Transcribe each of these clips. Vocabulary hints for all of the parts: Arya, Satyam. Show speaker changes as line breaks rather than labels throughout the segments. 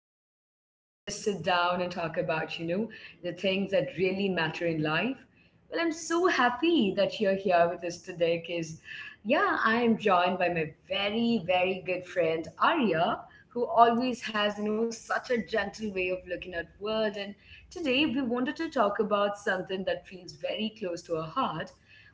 space where we just sit down and talk about, the things that really matter in life. I'm so happy that you're here with us today because, yeah, I am joined by my very good friend, Arya, who always has, such a gentle way of looking at world. And today we wanted to talk about something that feels very close to our heart.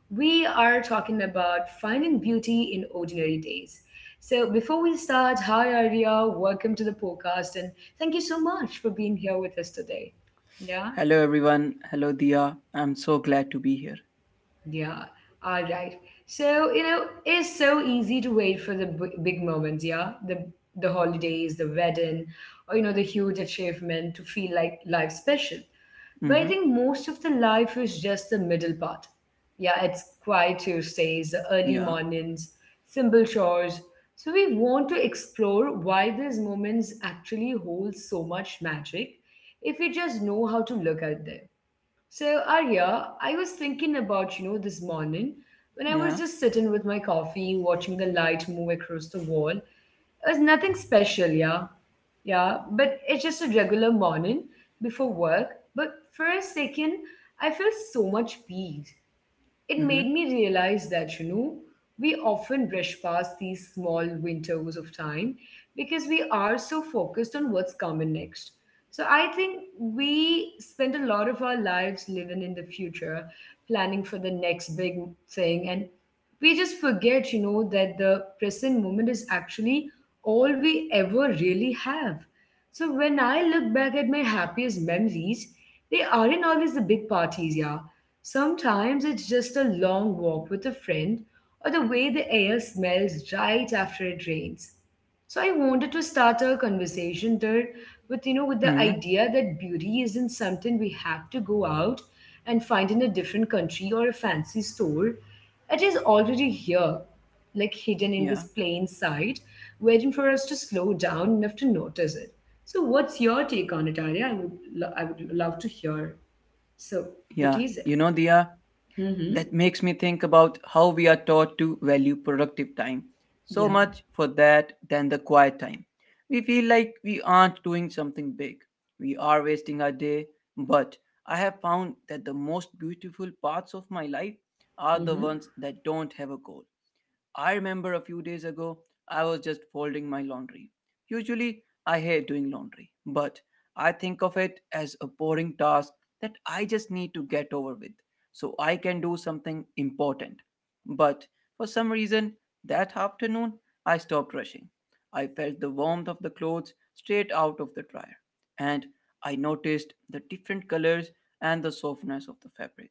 We are talking about finding beauty in ordinary days. So, before we start, hi Arya, welcome to the podcast, and thank you so much for being here with us today. Yeah,
Hello, everyone. Hello, Dia. I'm so glad to be here.
yeah, all right. So, it's so easy to wait for the big moments, yeah, the holidays, the wedding, or the huge achievement to feel like life special. But I
Mm-hmm.
think most of the life is just the middle part. Yeah, it's quiet Tuesdays, the early
Yeah.
mornings, simple chores. So we want to explore why these moments actually hold so much magic if we just know how to look at them. So, Arya, I was thinking about, this morning when I was
Yeah.
just sitting with my coffee, watching the light move across the wall. It was nothing special, yeah. Yeah, but it's just a regular morning before work. But for a second, I felt so much peace. It
Mm-hmm.
made me realize that, we often brush past these small windows of time because we are so focused on what's coming next. So I think we spend a lot of our lives living in the future, planning for the next big thing, and we just forget, that the present moment is actually all we ever really have. So when I look back at my happiest memories, they aren't always the big parties, yeah. Sometimes it's just a long walk with a friend or the way the air smells right after it rains. So I wanted to start our conversation there with with the
Mm-hmm.
idea that beauty isn't something we have to go out and find in a different country or a fancy store. It is already here, like hidden in
Yeah.
this plain sight, waiting for us to slow down enough to notice it. So what's your take on it, Arya? I would I would love to hear. So what
Yeah.
is it?
You know, Dia,
Mm-hmm.
that makes me think about how we are taught to value productive time so
Yeah.
much for that than the quiet time. We feel like we aren't doing something big. We are wasting our day. But I have found that the most beautiful parts of my life are the ones that don't have a goal. I remember a few days ago, I was just folding my laundry. Usually, I hate doing laundry, but I think of it as a boring task that I just need to get over with so I can do something important. But for some reason, that afternoon, I stopped rushing. I felt the warmth of the clothes straight out of the dryer, and I noticed the different colors and the softness of the fabric.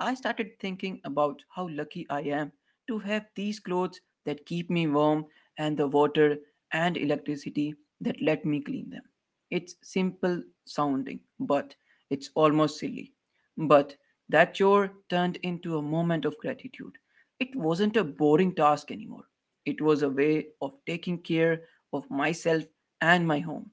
I started thinking about how lucky I am to have these clothes that keep me warm and the water and electricity that let me clean them. It's simple sounding, but it's almost silly. But that chore turned into a moment of gratitude. It wasn't a boring task anymore. It was a way of taking care of myself and my home.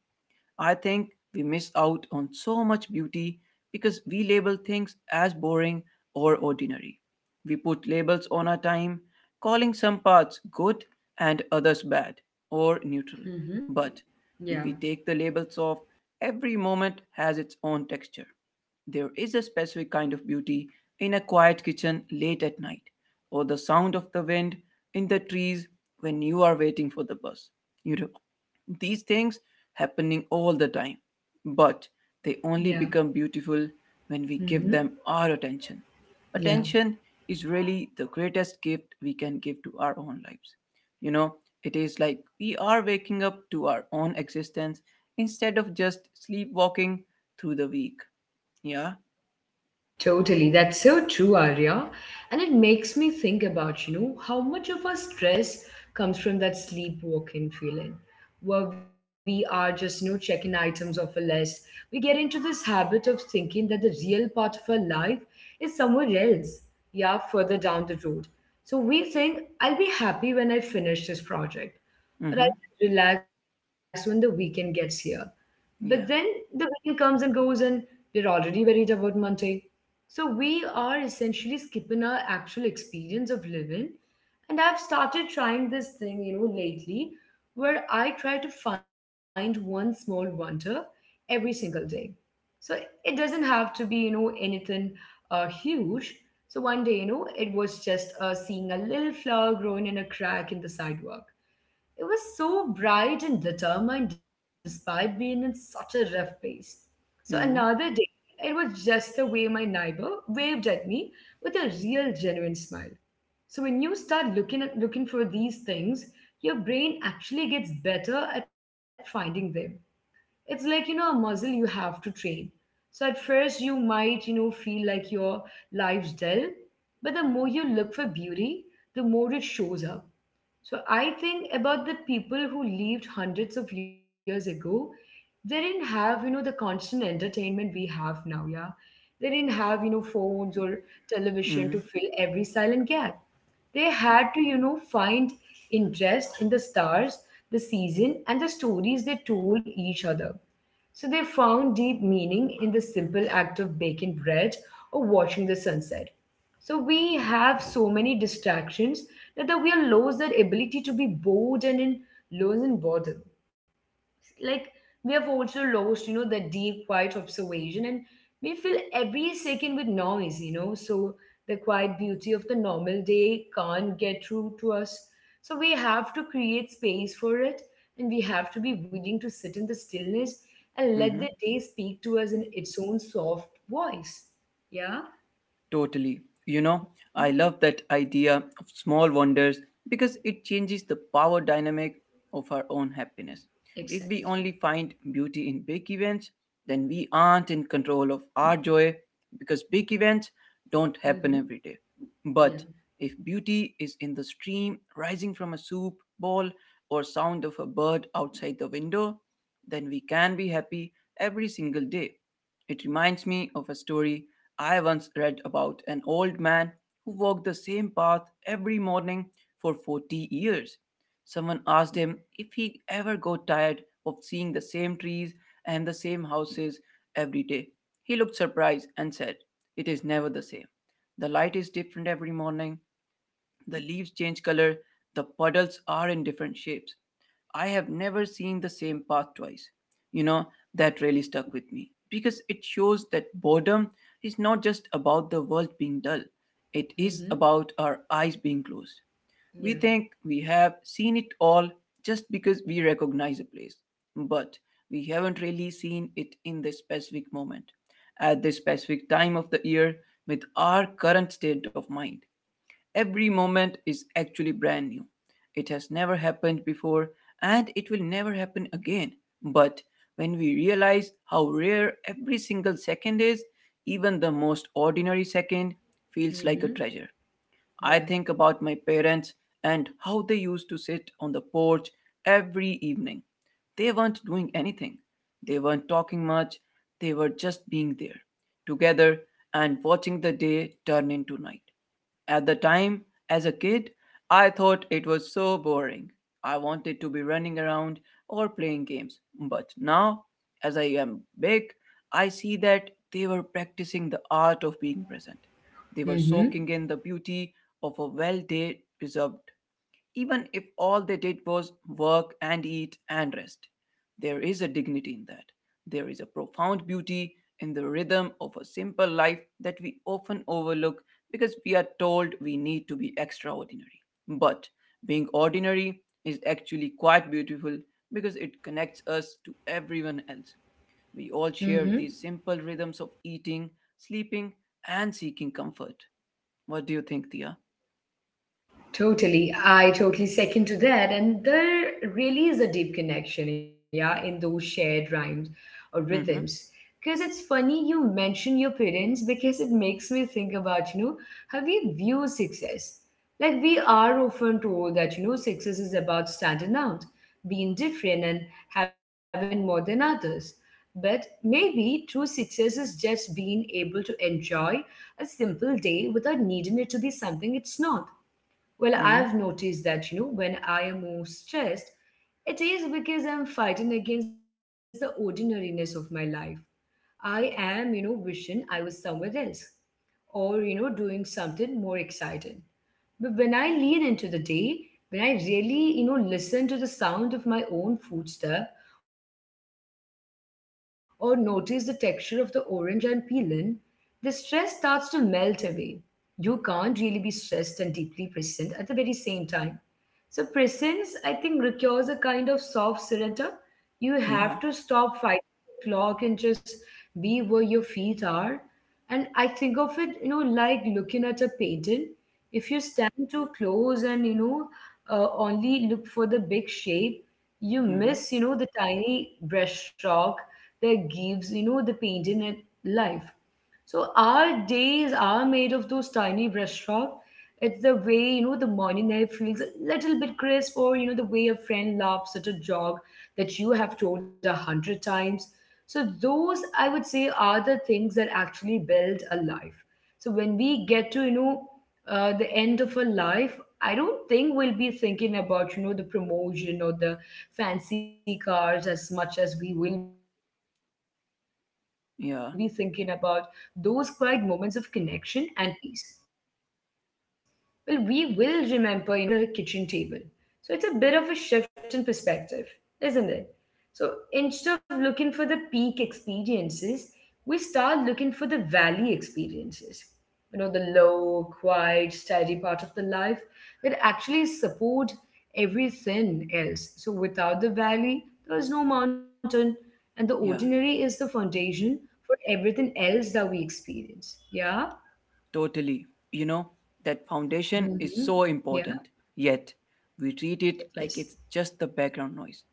I think we miss out on so much beauty because we label things as boring or ordinary. We put labels on our time, calling some parts good and others bad or neutral.
Mm-hmm.
But
Yeah.
if we take the labels off, every moment has its own texture. There is a specific kind of beauty in a quiet kitchen late at night, or the sound of the wind in the trees when you are waiting for the bus. You know, these things happening all the time, but they only
Yeah.
become beautiful when we
Mm-hmm.
give them our attention.
Yeah.
Attention is really the greatest gift we can give to our own lives. You know, it is like we are waking up to our own existence instead of just sleepwalking through the week. Yeah.
Totally. That's so true, Arya. And it makes me think about, how much of our stress comes from that sleepwalking feeling, where we are just, checking items off a list. We get into this habit of thinking that the real part of our life is somewhere else, yeah, further down the road. So we think, I'll be happy when I finish this project, or I'll
Mhm.
relax when the weekend gets here. But then
Yeah.
the weekend comes and goes, and we're already worried about Monday. So we are essentially skipping our actual experience of living. And I've started trying this thing, lately where I try to find one small wonder every single day. So it doesn't have to be, anything huge. So one day, it was just seeing a little flower growing in a crack in the sidewalk. He was so bright and determined despite being in such a rough place. So another
Mhm.
day, it was just the way my neighbor waved at me with a real genuine smile. So when you start looking for these things, your brain actually gets better at finding them. It's like, a muscle you have to train. So at first you might, feel like your life's dull, but the more you look for beauty, the more it shows up. So I think about the people who lived hundreds of years ago. They didn't have, the constant entertainment we have now, yeah. They didn't have, phones or television to
Mhm.
fill every silent gap. They had to, find interest in the stars, the season, and the stories they told each other. So they found deep meaning in the simple act of baking bread or watching the sunset. So we have so many distractions that we are lost that ability to be bored and in lost in boredom, like we have also lost, the deep quiet observation, and we fill every second with noise, so the quiet beauty of the normal day can't get through to us. So we have to create space for it, and we have to be willing to sit in the stillness and let
Mhm.
the day speak to us in its own soft voice, yeah.
Totally. You know, I love that idea of small wonders because it changes the power dynamic of our own happiness. If we
Exactly.
only find beauty in big events, then we aren't in control of our joy because big events don't happen
Mm-hmm.
every day.
Yeah.
But if beauty is in the stream rising from a soup bowl or sound of a bird outside the window, then we can be happy every single day. It reminds me of a story I once read about an old man who walked the same path every morning for 40 years. Someone asked him if he ever got tired of seeing the same trees and the same houses every day. He looked surprised and said, "It is never the same. The light is different every morning, the leaves change color, the puddles are in different shapes. I have never seen the same path twice." You know, that really stuck with me because it shows that boredom is not just about the world being dull, it is
Mm-hmm.
about our eyes being closed. We
Yeah.
think we have seen it all just because we recognize a place, but we haven't really seen it in this specific moment, at this specific time of the year, with our current state of mind. Every moment is actually brand new. It has never happened before and it will never happen again. But when we realize how rare every single second is, even the most ordinary second feels like a
Mm-hmm.
treasure. I
Yeah.
think about my parents and how they used to sit on the porch every evening. They weren't doing anything, they weren't talking much, they were just being there together and watching the day turn into night. At the time, as a kid, I thought it was so boring. I wanted to be running around or playing games. But now, as I am big, I see that they were practicing the art of being present. They were
Mm-hmm.
soaking in the beauty of a well day preserved even if all they did was work and eat and rest. There is a dignity in that. There is a profound beauty in the rhythm of a simple life that we often overlook because we are told we need to be extraordinary. But being ordinary is actually quite beautiful because it connects us to everyone else. We all
Mm-hmm.
share these simple rhythms of eating, sleeping, and seeking comfort. What do you think, Tia?
Totally. I totally second to that. And there really is a deep connection, yeah, in those shared rhymes or
Mm
rhythms.
hmm.
Because it's funny you mention your parents because it makes me think about, how we view success. Like we are often told that, success is about standing out, being different and having more than others. But maybe true success is just being able to enjoy a simple day without needing it to be something it's not. Well,
Mm
I've
hmm.
noticed that, when I am more stressed, it is because I'm fighting against the ordinariness of my life. I am, wishing I was somewhere else or, doing something more exciting. But when I lean into the day, when I really, listen to the sound of my own footstep or notice the texture of the orange I'm peeling, the stress starts to melt away. You can't really be stressed and deeply present at the very same time. So presence, I think, requires a kind of soft surrender. You
Yeah.
have to stop fighting the clock and just be where your feet are. And I think of it, like looking at a painting. If you stand too close and, only look for the big shape, you
Mm hmm.
miss, the tiny brushstroke that gives, the painting a life. So our days are made of those tiny brushstrokes. It's the way, the morning air feels a little bit crisp, or, the way a friend laughs at a joke that you have told 100 times. So, those, I would say, are the things that actually build a life. So, when we get to, the end of a life, I don't think we'll be thinking about, the promotion or the fancy cars as much as we will be thinking about those quiet moments of
Yeah.
connection and peace. We will remember, the Sunday afternoon spent doing nothing or the way the light hit the kitchen table. So it's a bit of a shift in perspective, isn't it? So instead of looking for the peak experiences, we start looking for the valley experiences. The low, quiet, steady part of the life that actually support everything else. So without the valley, there is no mountain, and the
Yeah,
ordinary is the foundation for everything else that we experience. Yeah.
totally. You know, that foundation is
Mm-hmm.
so
Yeah.
important. Yet, we treat it
It
like it's
is.
just the background noise.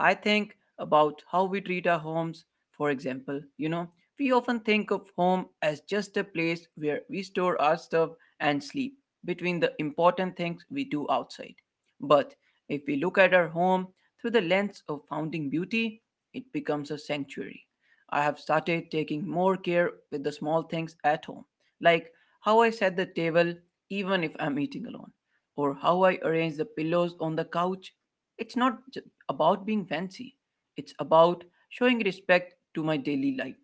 I think about how we treat our homes, for example. You know, we often think of home as just a place where we store our stuff and sleep between the important things we do outside. But if we look at our home through the lens of founding beauty, it becomes a sanctuary. I have started taking more care with the small things at home, like how I set the table even if I'm eating alone or how I arrange the pillows on the couch. It's not j- about being fancy, it's about showing respect to my daily life.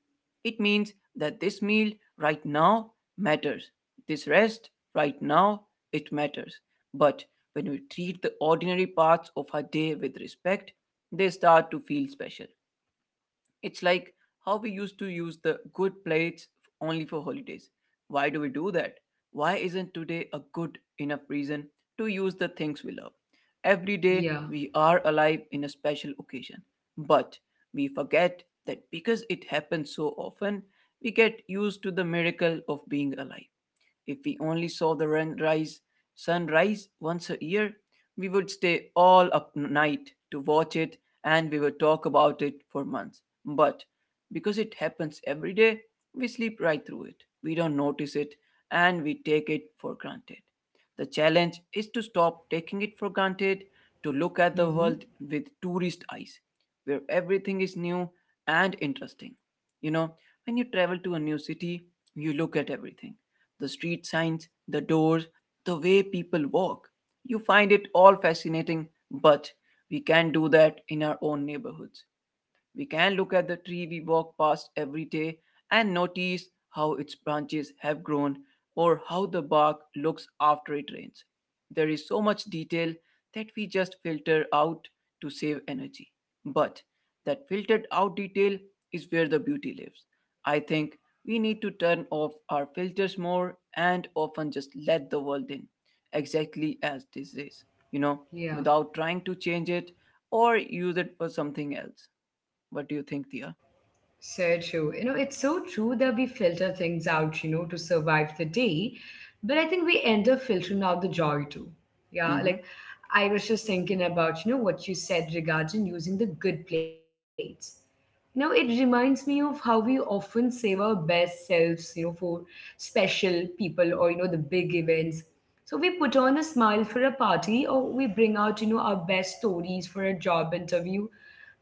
It means that this meal right now matters, this rest right now it matters. But when we treat the ordinary parts of our day with respect, they start to feel special. It's like how we used to use the good plates only for holidays. Why do we do that? Why isn't today a good enough reason to use the things we love? Every day
Yeah.
we are alive in a special occasion, but we forget that because it happens so often, we get used to the miracle of being alive. If we only saw the sunrise once a year, we would stay all up night to watch it and we would talk about it for months. But because it happens every day, we sleep right through it. We don't notice it and we take it for granted. The challenge is to stop taking it for granted, to look at the
Mm-hmm.
world with tourist eyes, where everything is new and interesting. You know, when you travel to a new city, you look at everything: the street signs, the doors, the way people walk. You find it all fascinating, but we can't do that in our own neighborhoods. We can look at the tree we walk past every day and notice how its branches have grown or how the bark looks after it rains. There is so much detail that we just filter out to save energy. But that filtered out detail is where the beauty lives. I think we need to turn off our filters more and often just let the world in, exactly as this is, you know,
Yeah.
without trying to change it or use it for something else. What do you think, Dia?
So true. It's so true that we filter things out, to survive the day. But I think we end up filtering out the joy too. Yeah.
Mm-hmm.
Like I was just thinking about, what you said regarding using the good plates. It reminds me of how we often save our best selves, for special people or, the big events. So we put on a smile for a party or we bring out, our best stories for a job interview.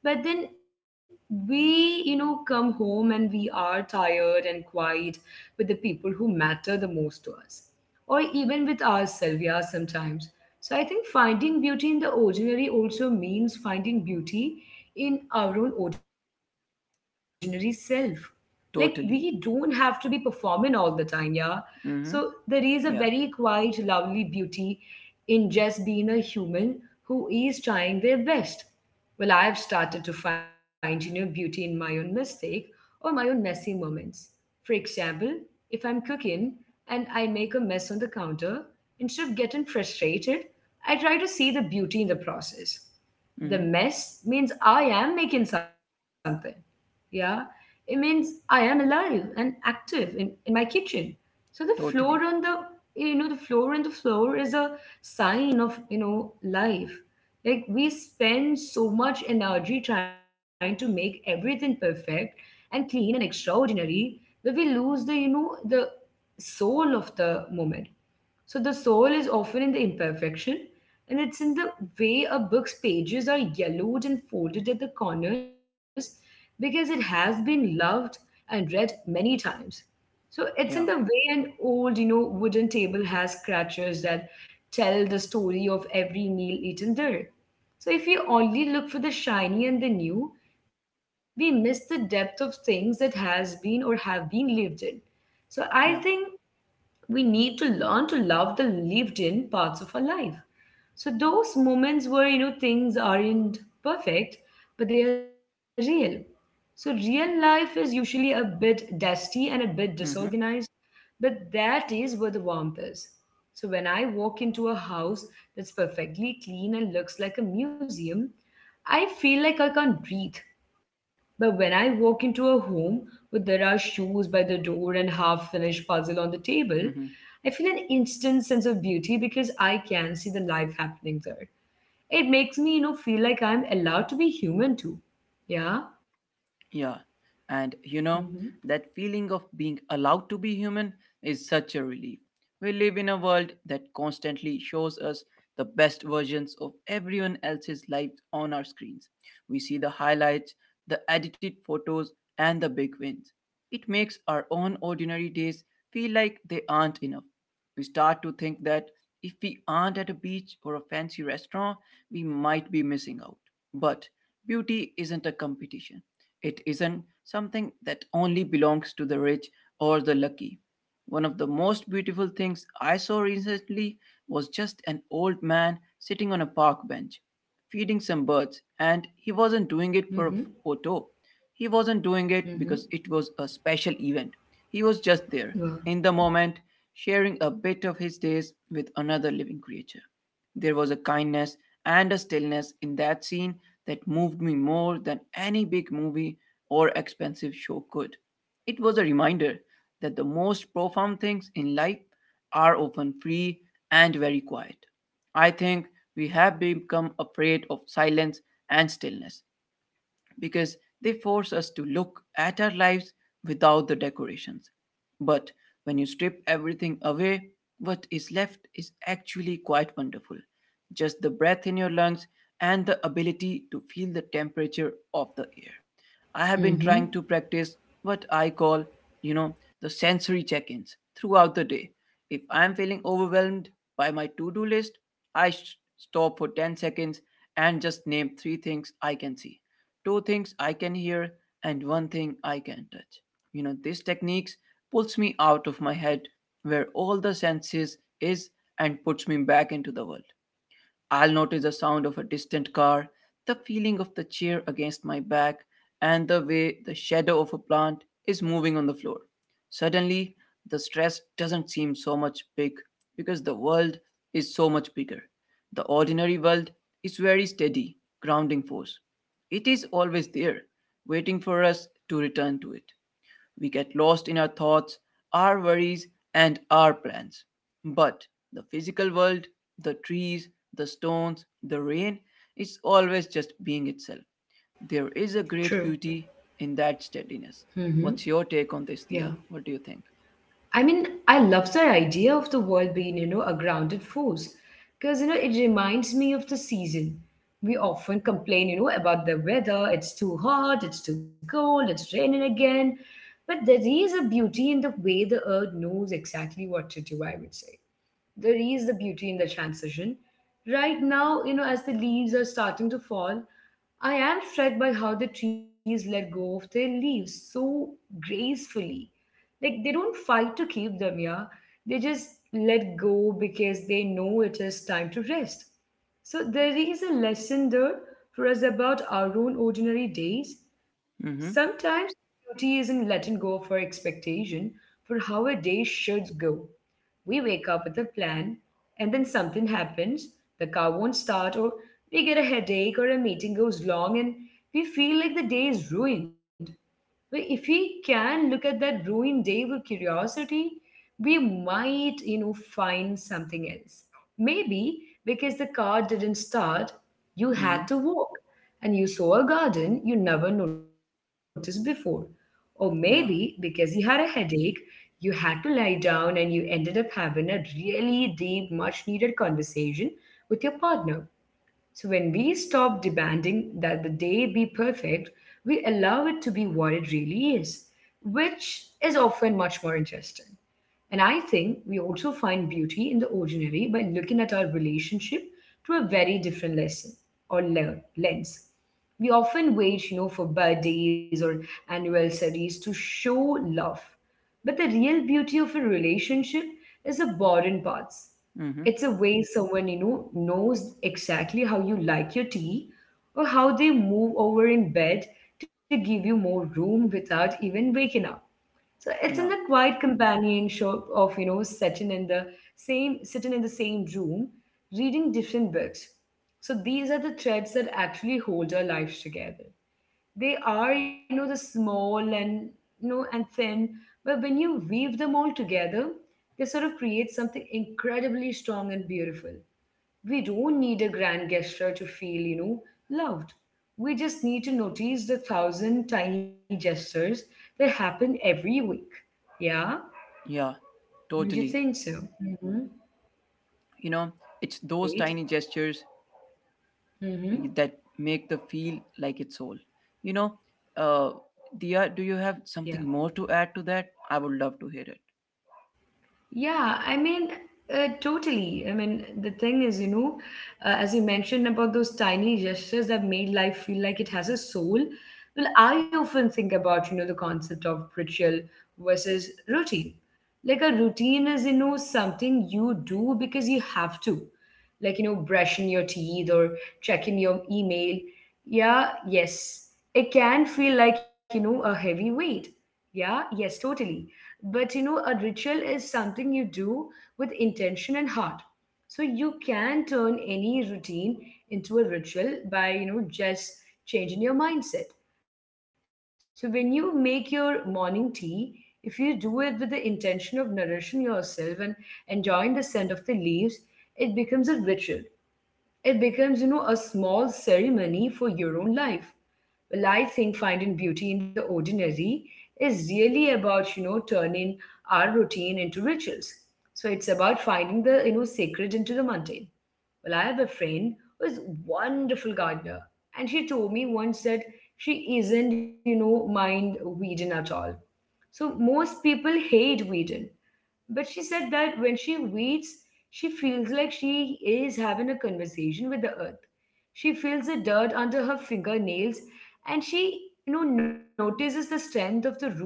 But then we, come home and we are tired and quiet with the people who matter the most to us or even with ourselves, yeah, sometimes. So I think finding beauty in the ordinary also means finding beauty in our own ordinary self. Like we don't have to be
Totally.
performing all the time, yeah. So there is a
Mm-hmm.
very
Yeah.
quiet, lovely beauty in just being a human who is trying their best. I've started to find, beauty in my own mistake or my own messy moments. For example, if I'm cooking and I make a mess on the counter, instead of getting frustrated, I try to see the beauty in the process. The
Mm-hmm.
mess means I am making something, yeah, it means I am alive and active in my kitchen. so the floor on
Totally.
the you know the floor on the floor is a sign of life. Like we spend so much energy trying to make everything perfect and clean and extraordinary that we lose the you know the soul of the moment. So the soul is often in the imperfection, and it's in the way a book's pages are yellowed and folded at the corners because it has been loved and read many times. So it's in the
Yeah.
way an old, wooden table has scratches that tell the story of every meal eaten there. So if we only look for the shiny and the new, we miss the depth of things that has been or have been lived in. So I
Yeah.
think we need to learn to love the lived in parts of our life. So those moments where things aren't perfect, but they are real. So real life is usually a bit dusty and a bit
Mm-hmm.
disorganized, but that is where the warmth is. So when I walk into a house that's perfectly clean and looks like a museum, I feel like I can't breathe. But when I walk into a home where there are shoes by the door and half finished puzzle on the table,
Mm-hmm.
I feel an instant sense of beauty because I can see the life happening there. It makes me, feel like I'm allowed to be human too. Yeah.
Yeah, and you
Mm-hmm.
know, that feeling of being allowed to be human is such a relief. We live in a world that constantly shows us the best versions of everyone else's lives on our screens. We see the highlights, the edited photos, and the big wins. It makes our own ordinary days feel like they aren't enough. We start to think that if we aren't at a beach or a fancy restaurant, we might be missing out. But beauty isn't a competition, it isn't something that only belongs to the rich or the lucky. One of the most beautiful things I saw recently was just an old man sitting on a park bench, feeding some birds, and he wasn't doing it for a
Mm-hmm.
photo. He wasn't doing it
Mm-hmm.
because it was a special event. He was just there,
Wow.
in the moment, sharing a bit of his days with another living creature. There was a kindness and a stillness in that scene that moved me more than any big movie or expensive show could. It was a reminder that the most profound things in life are often free and very quiet. I think we have become afraid of silence and stillness, because they force us to look at our lives without the decorations. But when you strip everything away, what is left is actually quite wonderful. Just the breath in your lungs and the ability to feel the temperature of the air. I have
Mm-hmm.
been trying to practice what I call, you know, the sensory check ins throughout the day. If I'm feeling overwhelmed by my to do list, stop for 10 seconds and just name three things I can see, two things I can hear, and one thing I can touch. You know, this techniques pulls me out of my head where all the senses is and puts me back into the world. I'll notice the sound of a distant car, the feeling of the chair against my back, and the way the shadow of a plant is moving on the floor. Suddenly, the stress doesn't seem so much big because the world is so much bigger. The ordinary world is very steady, grounding force. It is always there, waiting for us to return to it. We get lost in our thoughts, our worries, and our plans. But the physical world, the trees, the stones, the rain, is always just being itself. There is a great
True.
beauty in that steadiness. What's your take on this,
Yeah.
Thea? What do you think?
I mean, I love the idea of the world being, a grounded force because, it reminds me of the season. We often complain, about the weather. It's too hot, it's too cold, it's raining again. But there is a beauty in the way the earth knows exactly what to do. I would say there is the beauty in the transition. Right now, as the leaves are starting to fall, I am struck by how the trees let go of their leaves so gracefully. Like they don't fight to keep them, yeah. They just let go because they know it is time to rest. So there is a lesson there for us about our own ordinary days.
Mm-hmm.
Sometimes beauty isn't letting go of our expectation for how a day should go. We wake up with a plan, and then something happens, the car won't start, or we get a headache, or a meeting goes long, and we feel like the day is ruined. But if we can look at that ruined day with curiosity, we might, find something else. Maybe because the car didn't start, you
Mm-hmm.
had to walk and you saw a garden you never noticed before. Or maybe because you
Yeah.
had a headache you had to lie down and you ended up having a really deep, much needed conversation with your partner. So when we stop demanding that the day be perfect, we allow it to be what it really is, which is often much more interesting. And I think we also find beauty in the ordinary by looking at our relationship through a very different lesson or lens. We often wait, for birthdays or anniversaries to show love. But the real beauty of a relationship is the boring parts.
Mm-hmm.
It's a way someone, knows exactly how you like your tea or how they move over in bed to give you more room without even waking up. So it's in
Yeah.
the quiet companionship of, sitting in the same room, reading different books. So these are the threads that actually hold our lives together. They are, the small and thin, but when you weave them all together, they sort of create something incredibly strong and beautiful. We don't need a grand gesture to feel, loved. We just need to notice the thousand tiny gestures that happen every week. Yeah?
Yeah.
Don't you
Totally.
think so? Mm-hmm.
You know, it's those
Great.
tiny gestures
Mm-hmm.
that make the feel like its whole. You know,
Yeah.
uh, Dia, do you have something more to add to that? I would love to hear it.
Yeah, I mean, totally. I mean, the thing is, as you mentioned about those tiny gestures that made life feel like it has a soul. Well, I often think about, the concept of ritual versus routine. Like a routine is, something you do because you have to. Like, brushing your teeth or checking your email. Yeah, yes. It can feel like, a heavy weight. Yeah, yes, totally. But a ritual is something you do with intention and heart. So you can turn any routine into a ritual by, just changing your mindset. So when you make your morning tea, if you do it with the intention of nourishing yourself and enjoying the scent of the leaves, it becomes a ritual. It becomes, a small ceremony for your own life. Well, I think finding beauty in the ordinary is really about, turning our routine into rituals. So it's about finding the, sacred into the mundane. Well, I have a friend who is wonderful gardener, and she told me once that she isn't, mind weeding at all. So most people hate Whedon. But she said that when she reads, she feels like she is having a conversation with the earth. She feels the dirt under her fingernails and she, notices the strength of the roots.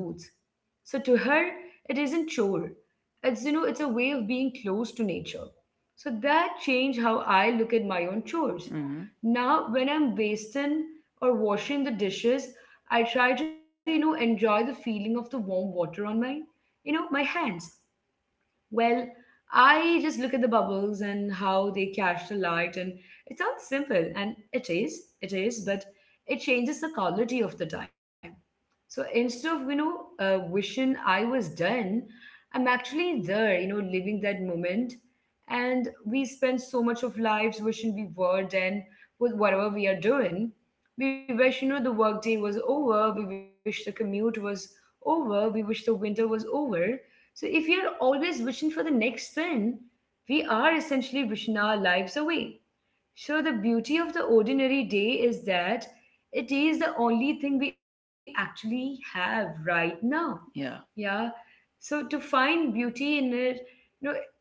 So to her, it isn't chore. It's a way of being close to nature. So that changed how I look at my own chores.
Mm-hmm.
Now, when I'm basting or washing the dishes, I try to, enjoy the feeling of the warm water on my hands. Well, I just look at the bubbles and how they catch the light, and it sounds simple, and it is, but it changes the quality of the time. So instead of, wishing I was done, I'm actually there, living that moment. And we spend so much of lives wishing we were done with whatever we are doing. We wish, the workday was over. We wish the commute was over. We wish the winter was over. So if we are always wishing for the next thing, we are essentially wishing our lives away. So the beauty of the ordinary day is that it is the only thing we actually have right now.
Yeah.
Yeah. So to find beauty in it, you know,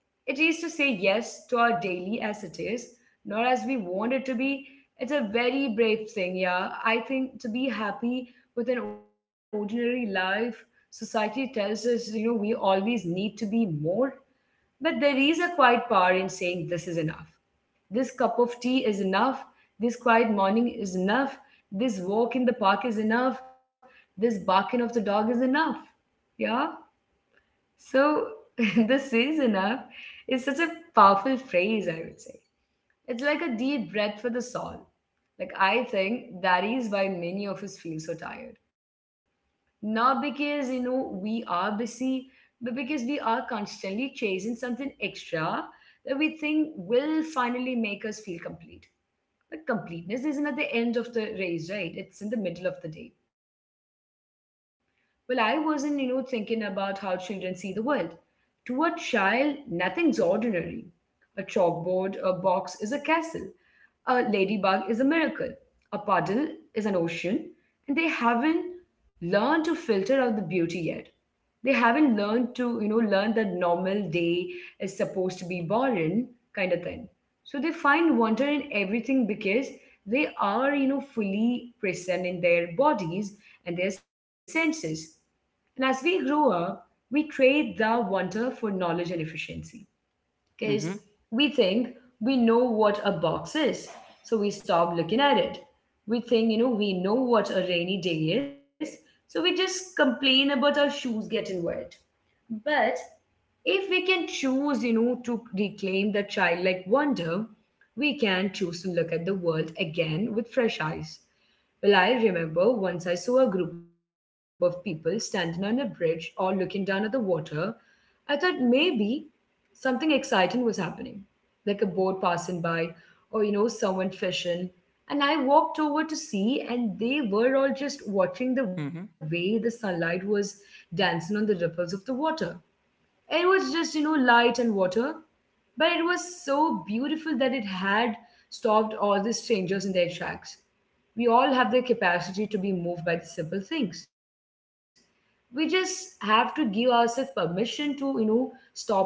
it is to say yes to our daily as it is, not as we want it to be. It's a very brave thing, yeah. I think to be happy with an ordinary life, society tells us, we always need to be more. But there is a quiet power in saying this is enough. This cup of tea is enough. This quiet morning is enough. This walk in the park is enough. This barking of the dog is enough. Yeah. So, this is enough is such a powerful phrase, I would say. It's like a deep breath for the soul. Like, I think that is why many of us feel so tired. Not because, we are busy, but because we are constantly chasing something extra that we think will finally make us feel complete. The completeness isn't at the end of the race, right? It's in the middle of the day. Well, I wasn't, thinking about how children see the world. To a child, nothing's ordinary. A chalkboard, a box is a castle. A ladybug is a miracle. A puddle is an ocean, and they haven't learned to filter out the beauty yet. They haven't learned to, learn that normal day is supposed to be boring, kind of thing. So they find wonder in everything because they are, fully present in their bodies and their senses. And as we grow up, we trade the wonder for knowledge and efficiency because
Mm-hmm.
we think we know what a box is, so we stop looking at it. We think, we know what a rainy day is, so we just complain about our shoes getting wet. But if we can choose, to reclaim the childlike wonder, we can choose to look at the world again with fresh eyes. Well, I remember once I saw a group of people standing on a bridge all looking down at the water. I thought maybe something exciting was happening, like a boat passing by or, someone fishing. And I walked over to see, and they were all just watching the way the
Mm-hmm.
sunlight was dancing on the ripples of the water. It was just, light and water. But it was so beautiful that it had stopped all the strangers in their tracks. We all have the capacity to be moved by the simple things. We just have to give ourselves permission to, stop and look.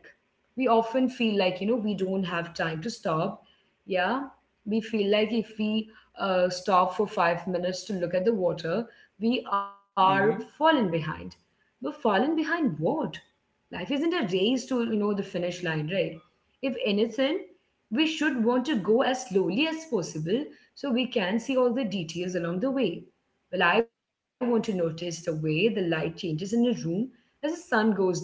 We often feel like, we don't have time to stop. Yeah. We feel like if we stop for 5 minutes to look at the water, we are fallen
Mm-hmm.
behind. But fallen behind what? Life isn't a race to the finish line, right? If anything, we should want to go as slowly as possible so we can see all the details along the way. Well, I want to notice the way the light changes in a room as the sun goes down.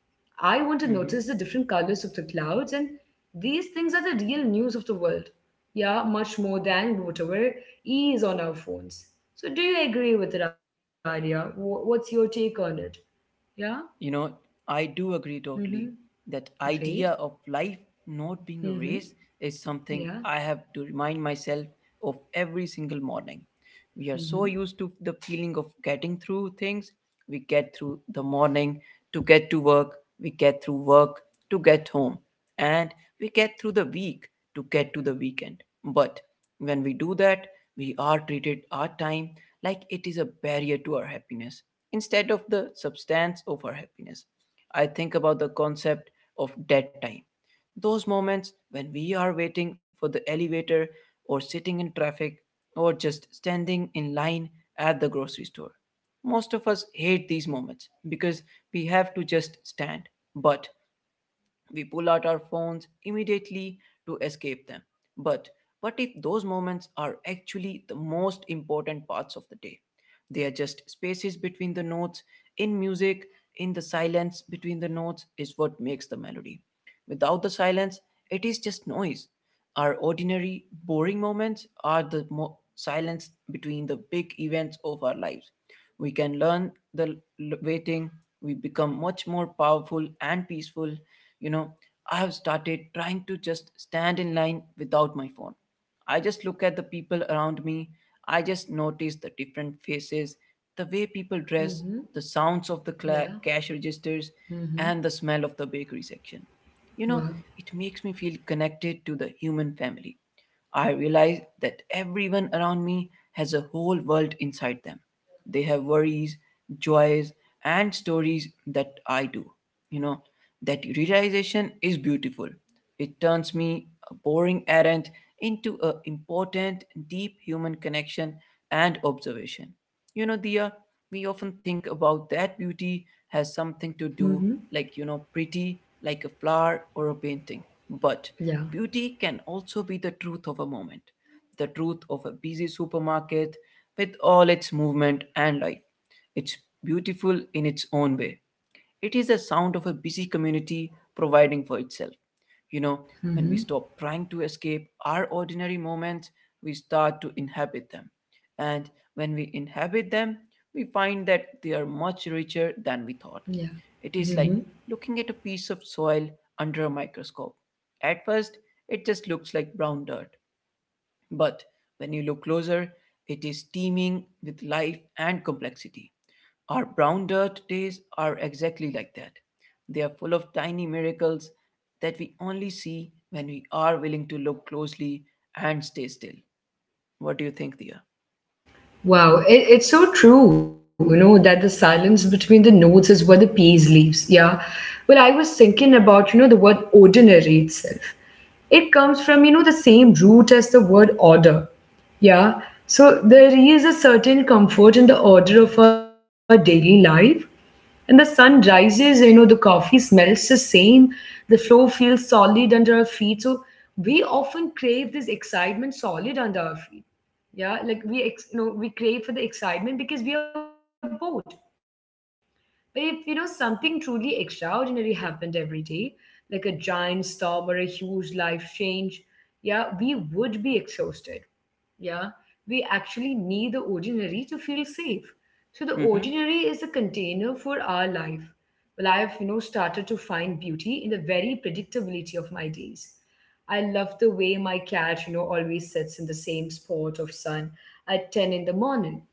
I want to notice the
Mm-hmm.
different colors of the clouds, and these things are the real news of the world. Yeah, much more than whatever is on our phones. So, do you agree with that idea? What's your take on it? Yeah?
You know, I do agree
Mm-hmm.
totally. That
Great.
idea of life not being a
Mhm.
race is something
Yeah.
I have to remind myself of every single morning. We are so used to the feeling of getting through things. We get through the morning to get to work, we get through work to get home, and we get through the week to get to the weekend. But when we do that, we are treated our time like it is a barrier to our happiness instead of the substance of our happiness. I think about the concept of dead time. Those moments when we are waiting for the elevator or sitting in traffic or just standing in line at the grocery store. Most of us hate these moments because we have to just stand. But we pull out our phones immediately to escape them. But what if those moments are actually the most important parts of the day? They are just spaces between the notes. In music, in the silence between the notes is what makes the melody. Without the silence, it is just noise. Our ordinary, boring moments are the silence between the big events of our lives. We can learn the waiting, we become much more powerful and peaceful. You know, I have started trying to just stand in line without my phone. I just look at the people around me. I just notice the different faces, the way people
Mhm.
dress, the sounds of
Yeah.
the cash registers,
Mhm.
and the smell of the bakery section. You
Wow.
know, it makes me feel connected to the human family. I realize that everyone around me has a whole world inside them. They have worries, joys, and stories that I do. You know, that realization is beautiful. It turns me, a boring errand, into an important, deep human connection and observation. You know, Dia, we often think about that beauty has something to do,
Mhm.
like, you know, pretty, like a flower or a painting. But
Yeah.
beauty can also be the truth of a moment, the truth of a busy supermarket with all its movement and life. It's beautiful in its own way. It is the sound of a busy community providing for itself. You know, when we
Mhm.
stop trying to escape our ordinary moments, we start to inhabit them. And when we inhabit them, we find that they are much richer than we thought.
Yeah.
It is like
Mhm.
looking at a piece of soil under a microscope. At first, it just looks like brown dirt. But when you look closer, it is teeming with life and complexity. Our brown dirt days are exactly like that. They are full of tiny miracles that we only see when we are willing to look closely and stay still. What do you think, Dia?
Wow. It's so true that the silence between the notes is where the peace leaves. Yeah. Well, I was thinking about the word ordinary itself. It comes from the same root as the word order. Yeah. So there is a certain comfort in the order of our daily life. And the sun rises the coffee smells the same, the floor feels solid under our feet. So we often crave this excitement solid under our feet. Yeah, like we, ex- you know, we crave for the excitement because we are bored. But if something truly extraordinary happened every day, like a giant storm or a huge life change, yeah, we would be exhausted. Yeah, we actually need the ordinary to feel safe. So the
Mm-hmm.
ordinary is a container for our life. Well, I have started to find beauty in the very predictability of my days. I love the way my cat always sits in the same spot of sun at 10 in the morning.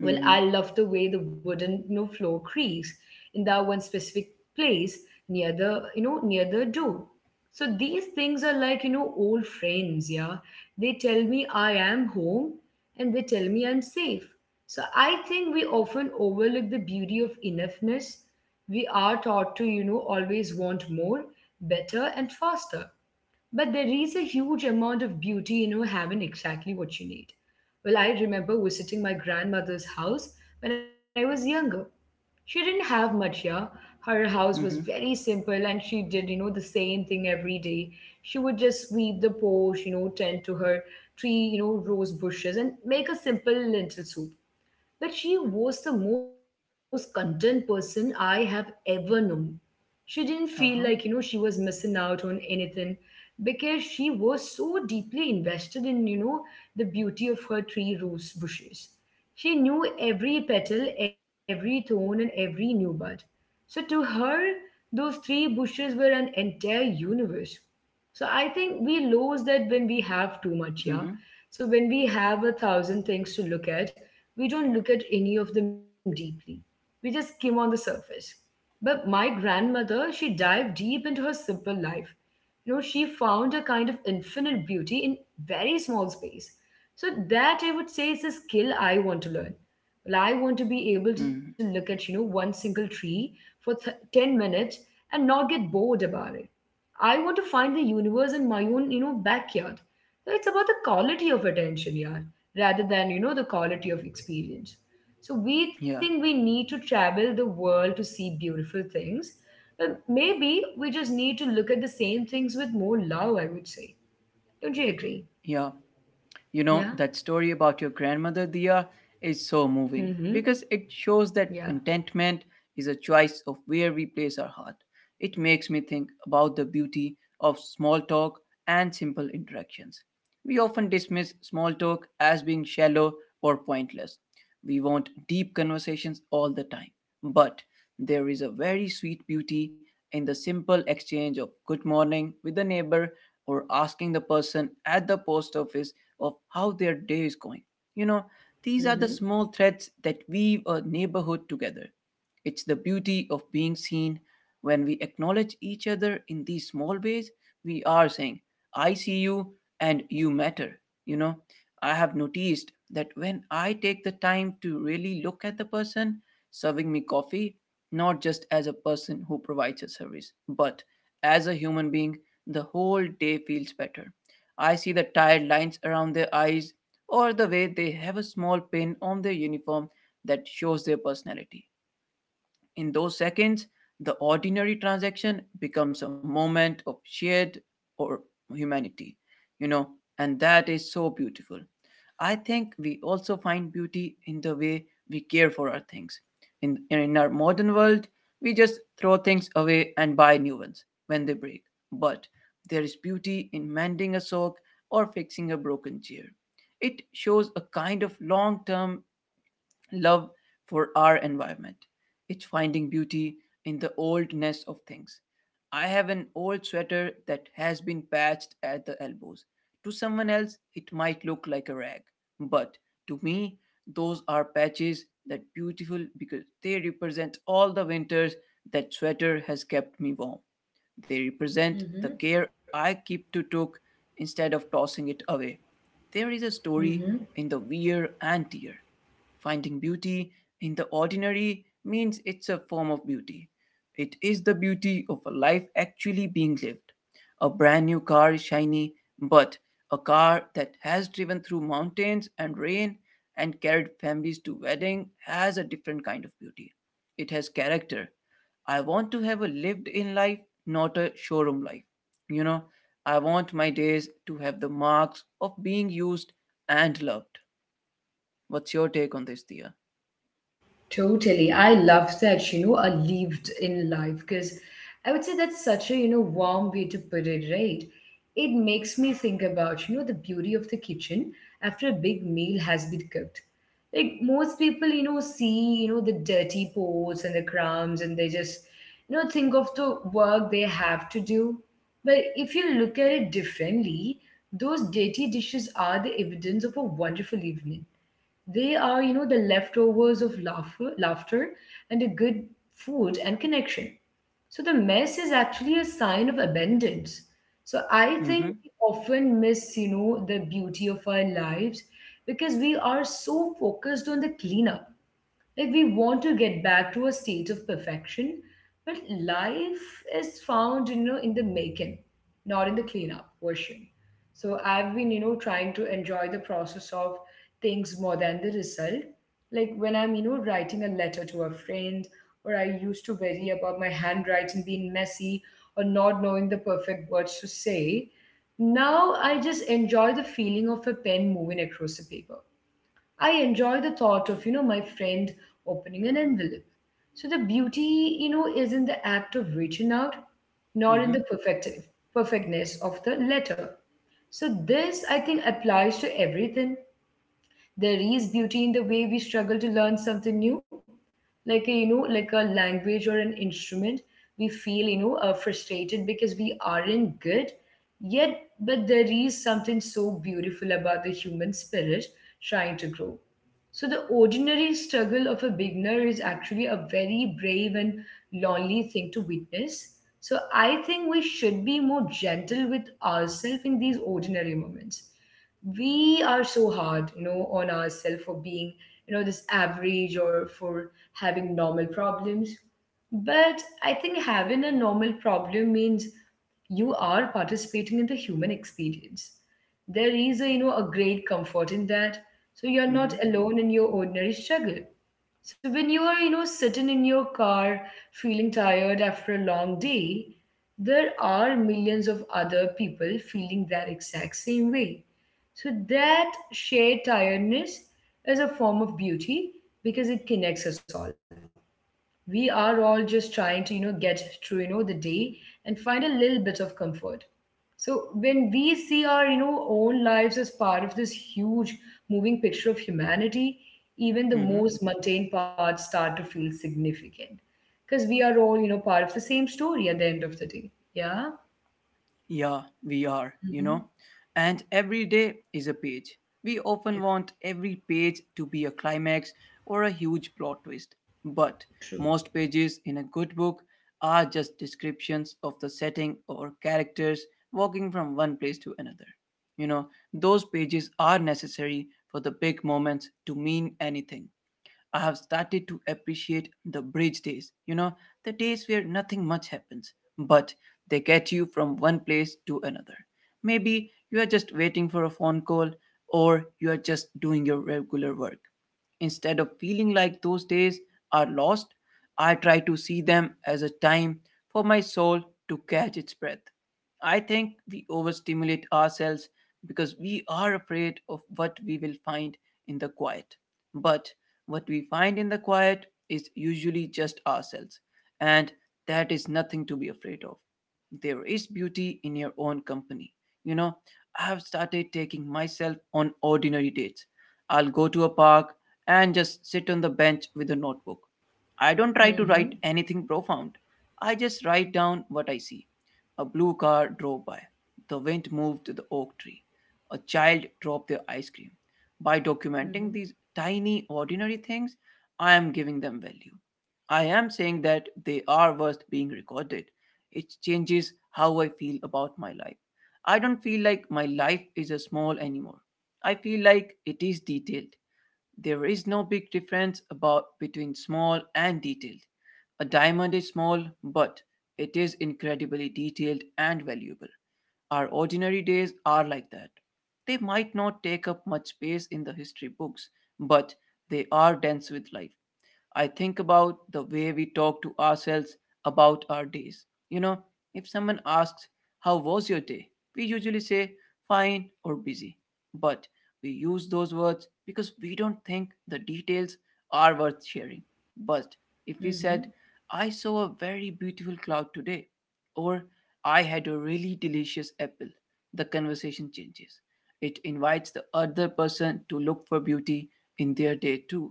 Well,
Mm-hmm.
I love the way the wooden floor creaks in that one specific place near the door. So these things are like old friends, yeah. They tell me I am home, and they tell me I'm safe. So I think we often overlook the beauty of enoughness. We are taught to always want more, better, and faster. But there is a huge amount of beauty in having exactly what you need. Well, I remember visiting my grandmother's house when I was younger. She didn't have much, yeah. Her house was
Mm-hmm.
very simple, and she did the same thing every day. She would just sweep the porch tend to her three rose bushes and make a simple lentil soup. But she was the most content person I have ever known. She didn't feel
Uh-huh.
like she was missing out on anything because she was so deeply invested in the beauty of her three rose bushes. She knew every petal, every thorn, and every new bud. So to her, those three bushes were an entire universe. So I think we lose that when
Mm-hmm.
we have too much, yeah. So when we have a thousand things to look at, we don't look at any of them deeply. We just skim on the surface. But my grandmother, she dived deep into her simple life. She found a kind of infinite beauty in very small space. So that I would say is a skill I want to learn. Well, I want to be able to
Mm-hmm.
look at one single tree for 10 minutes and not get bored about it. I want to find the universe in my own backyard. So it's about the quality of attention, yeah, rather than the quality of experience. So we
Yeah.
think we need to travel the world to see beautiful things, but maybe we just need to look at the same things with more love, I would say. Don't you agree?
Yeah. You know,
Yeah.
that story about your grandmother, Dia, is so moving because
Mm-hmm.
it shows that
Yeah.
contentment is a choice of where we place our heart. It makes me think about the beauty of small talk and simple interactions. We often dismiss small talk as being shallow or pointless. We want deep conversations all the time. But there is a very sweet beauty in the simple exchange of good morning with the neighbor or asking the person at the post office of how their day is going. You know, these are the
Mm-hmm.
small threads that weave a neighborhood together. It's the beauty of being seen. When we acknowledge each other in these small ways, we are saying, I see you and you matter. You know, I have noticed that when I take the time to really look at the person serving me coffee, not just as a person who provides a service, but as a human being, the whole day feels better. I see the tired lines around their eyes or the way they have a small pin on their uniform that shows their personality. In those seconds, the ordinary transaction becomes a moment of shared or humanity, you know, and that is so beautiful. I think we also find beauty in the way we care for our things. In our modern world, we just throw things away and buy new ones when they break. But there is beauty in mending a sock or fixing a broken chair. It shows a kind of long term love for our environment. It's finding beauty in the oldness of things. I have an old sweater that has been patched at the elbows. To someone else, it might look like a rag, but to me, those are patches that beautiful because they represent all the winters that sweater has kept me warm. They represent
Mm-hmm.
the care I keep to took instead of tossing it away. There is a story
Mm-hmm.
in the weir and tear. Finding beauty in the ordinary means it's a form of beauty. It is the beauty of a life actually being lived. A brand new car is shiny, but a car that has driven through mountains and rain and carried families to wedding has a different kind of beauty. It has character. I want to have a lived in life, not a showroom life. You know, I want my days to have the marks of being used and loved. What's your take on this, Dia?
Totally. I love that a lived in life, because I would say that's such a warm way to put it, right? It makes me think about the beauty of the kitchen after a big meal has been cooked. Like most people see the dirty pots and the crumbs, and they just think of the work they have to do. But if you look at it differently, those dirty dishes are the evidence of a wonderful evening. They are the leftovers of laughter and a good food and connection. So the mess is actually a sign of abundance. So I think
Mm-hmm.
we often miss the beauty of our lives because we are so focused on the cleanup. Like we want to get back to a state of perfection, but life is found in the making, not in the cleanup version. So I've been trying to enjoy the process of things more than the result. Like when I'm writing a letter to a friend, or I used to worry about my handwriting being messy or not knowing the perfect words to say. Now I just enjoy the feeling of a pen moving across the paper. I enjoy the thought of my friend opening an envelope. So the beauty is in the act of reaching out, not in
Mm-hmm.
the perfectness of the letter. So this I think applies to everything. There is beauty in the way we struggle to learn something new, like a language or an instrument. We feel frustrated because we aren't good yet, but there is something so beautiful about the human spirit trying to grow. So the ordinary struggle of a beginner is actually a very brave and lonely thing to witness. So I think we should be more gentle with ourselves in these ordinary moments. We are so hard on ourselves for being this average or for having normal problems. But I think having a normal problem means you are participating in the human experience. There is a you know a great comfort in that. So you're
Mm-hmm.
not alone in your ordinary struggle. So when you are sitting in your car feeling tired after a long day, there are millions of other people feeling that exact same way. So that shared tiredness is a form of beauty because it connects us all. We are all just trying to get through the day and find a little bit of comfort. So when we see our own lives as part of this huge moving picture of humanity,
Mm-hmm.
even the most mundane parts start to feel significant because we are all part of the same story at the end of the day. Yeah.
Yeah, we are, you know.
Mhm.
And every day is a page. We often want
Yeah.
every page to be a climax or a huge plot twist. But
True.
most pages in a good book are just descriptions of the setting or characters walking from one place to another. You know, those pages are necessary for the big moments to mean anything. I have started to appreciate the bridge days, you know, the days where nothing much happens, but they get you from one place to another. Maybe you are just waiting for a phone call or you are just doing your regular work. Instead of feeling like those days are lost, I try to see them as a time for my soul to catch its breath. I think we overstimulate ourselves because we are afraid of what we will find in the quiet. But what we find in the quiet is usually just ourselves, and that is nothing to be afraid of. There is beauty in your own company. You know, I have started taking myself on ordinary dates. I'll go to a park and just sit on the bench with a notebook. I don't try to write
Mm-hmm.
anything profound. I just write down what I see. A blue car drove by. The wind moved the oak tree. A child dropped their ice cream. By documenting these
Mm-hmm.
tiny, ordinary things, I am giving them value. I am saying that they are worth being recorded. It changes how I feel about my life. I don't feel like my life is a small anymore. I feel like it is detailed. There is no big difference about between small and detailed. A diamond is small, but it is incredibly detailed and valuable. Our ordinary days are like that. They might not take up much space in the history books, but they are dense with life. I think about the way we talk to ourselves about our days. You know, if someone asks, How was your day? We usually say, Fine or busy. But we use those words because we don't think the details are worth sharing. But if we
Mm-hmm.
said, I saw a very beautiful cloud today, or I had a really delicious apple, the conversation changes. It invites the other person to look for beauty in their day too.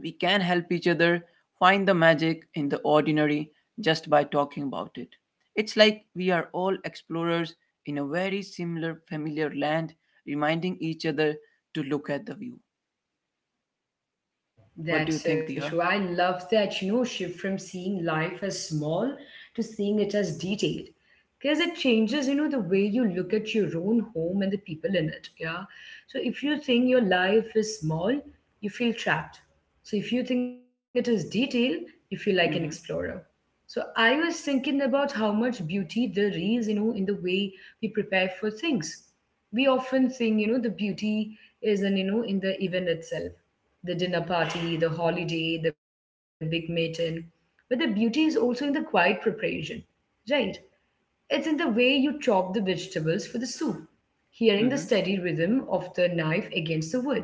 We can help each other find the magic in the ordinary just by talking about it. It's like we are all explorers in a very similar familiar land, reminding each other to look at the view. What do you
That's
think,
so
Dia?
true. I love that shift from seeing life as small to seeing it as detailed. Because it changes the way you look at your own home and the people in it. Yeah. So if you think your life is small, you feel trapped. So if you think it is detailed, you feel like an
Mm-hmm.
explorer. So I was thinking about how much beauty there is in the way we prepare for things. We often think the beauty is in the event itself, the dinner party, the holiday, the big meeting, but the beauty is also in the quiet preparation, right? It's in the way you chop the vegetables for the soup, hearing the
Mm-hmm.
steady rhythm of the knife against the wood.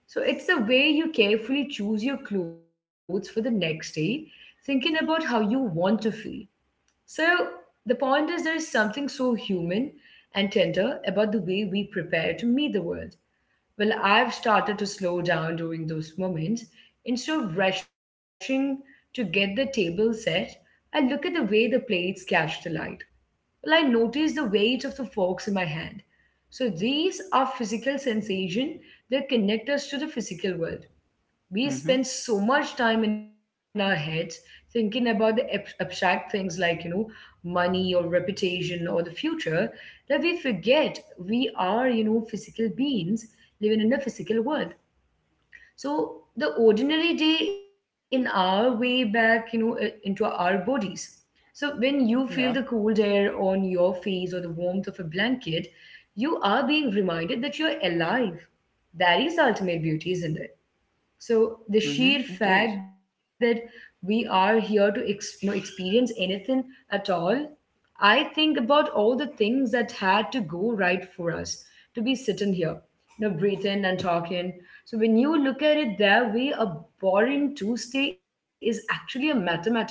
So it's the way you carefully choose your clothes for the next day, thinking about how you want to feel. So the point is, there is something so human and tender about the way we prepare to meet the world. Well, I've started to slow down during those moments. Instead of rushing to get the table set, I look at the way the plates catch the light. Well, I notice the weight of the forks in my hand. So these are physical sensation that connect us to the physical world. We
Mm-hmm.
spend so much time in our heads thinking about the abstract things like money or reputation or the future that we forget we are physical beings living in a physical world. So the ordinary day in our way back, into our bodies. So when you feel the
Yeah.
cold air on your face or the warmth of a blanket, you are being reminded that you're alive. That is ultimate beauty, isn't it? So the sheer
Mm-hmm. It is.
fact that we are here to experience anything at all. I think about all the things that had to go right for us to be sitting here, breathing and talking. So when you look at it that way, a boring Tuesday is actually a mathematical miracle.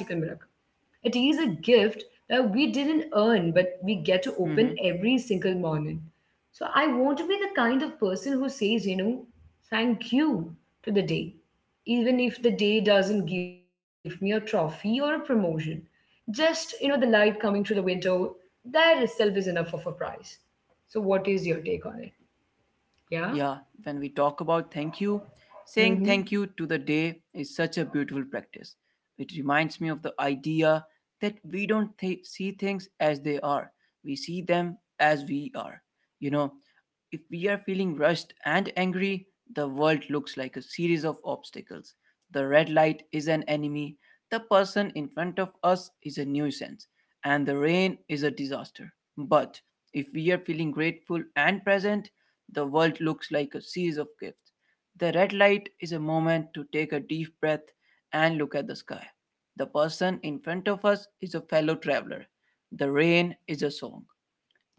It is a gift that we didn't earn, but we get to
Mm-hmm.
open every single morning. So I want to be the kind of person who says, thank you to the day, even if the day doesn't give me a trophy or a promotion. Just, the light coming through the window, that itself is enough of a prize. So, what is your take on it? Yeah?
Yeah, when we talk about thank you,
Mm
saying
hmm.
thank you to the day is such a beautiful practice. It reminds me of the idea that we don't see things as they are, we see them as we are. You know, if we are feeling rushed and angry, the world looks like a series of obstacles. The red light is an enemy, the person in front of us is a nuisance, and the rain is a disaster. But if we are feeling grateful and present, the world looks like a series of gifts. The red light is a moment to take a deep breath and look at the sky. The person in front of us is a fellow traveler. The rain is a song,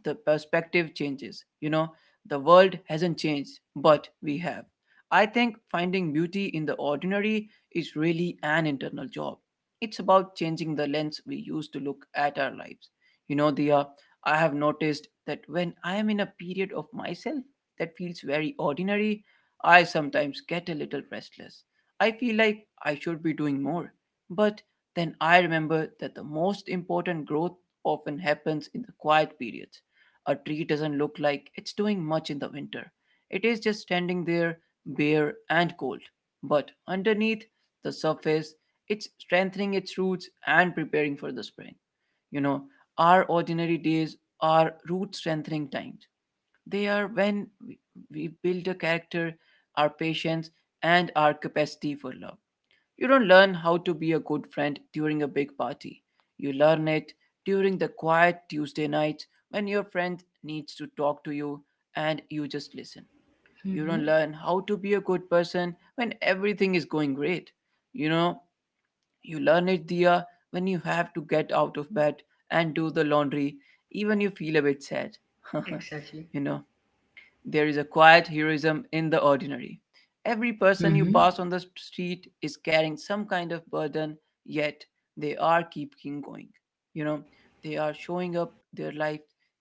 the perspective changes. You know, the world hasn't changed, but we have. I think finding beauty in the ordinary is really an internal job. It's about changing the lens we use to look at our lives. You know, Dia, I have noticed that when I am in a period of myself that feels very ordinary, I sometimes get a little restless. I feel like I should be doing more. But then I remember that the most important growth often happens in the quiet periods. A tree doesn't look like it's doing much in the winter. It is just standing there, bare and cold. But underneath the surface, it's strengthening its roots and preparing for the spring. You know, our ordinary days are root strengthening times. They are when we build a character, our patience, and our capacity for love. You don't learn how to be a good friend during a big party. You learn it during the quiet Tuesday nights when your friend needs to talk to you and you just listen.
Mm
You don't
hmm.
learn how to be a good person when everything is going great. You know, you learn it, Dia, when you have to get out of bed and do the laundry, even you feel a bit sad.
Exactly.
You know, there is a quiet heroism in the ordinary. Every
Mm
person you
hmm.
pass on the street is carrying some kind of burden, yet they are keeping going. You know, they are showing up their life.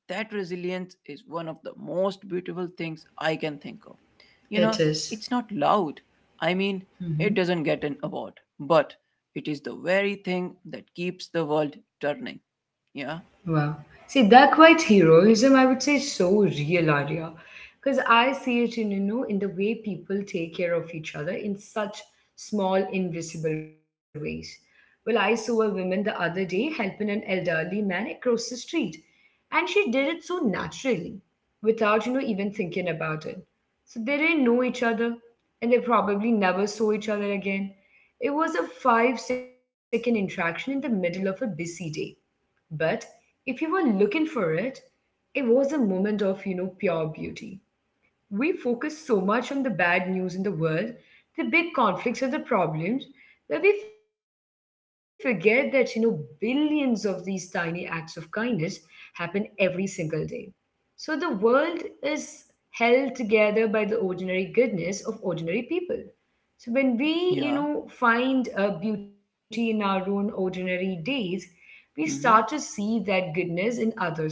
That resilience is one of the most beautiful things I can think of. You know,
It is.
it's not loud. I mean, it
Mm-hmm.
doesn't get an award, but it is the very thing that keeps the world turning. Yeah,
Wow. See, that quite heroism, I would say, is so real, Arya. Because I see it in, in the way people take care of each other in such small, invisible ways. Well, I saw a woman the other day helping an elderly man across the street, and she did it so naturally, without, even thinking about it. So they didn't know each other, and they probably never saw each other again. It was a five-second interaction in the middle of a busy day, but if you were looking for it, it was a moment of, pure beauty. We focus so much on the bad news in the world, the big conflicts and the problems, that we forget that, billions of these tiny acts of kindness happen every single day. So the world is held together by the ordinary goodness of ordinary people. So when we,
yeah,
find beauty in our own ordinary days, we start to
mm hmm,
see that goodness in others too.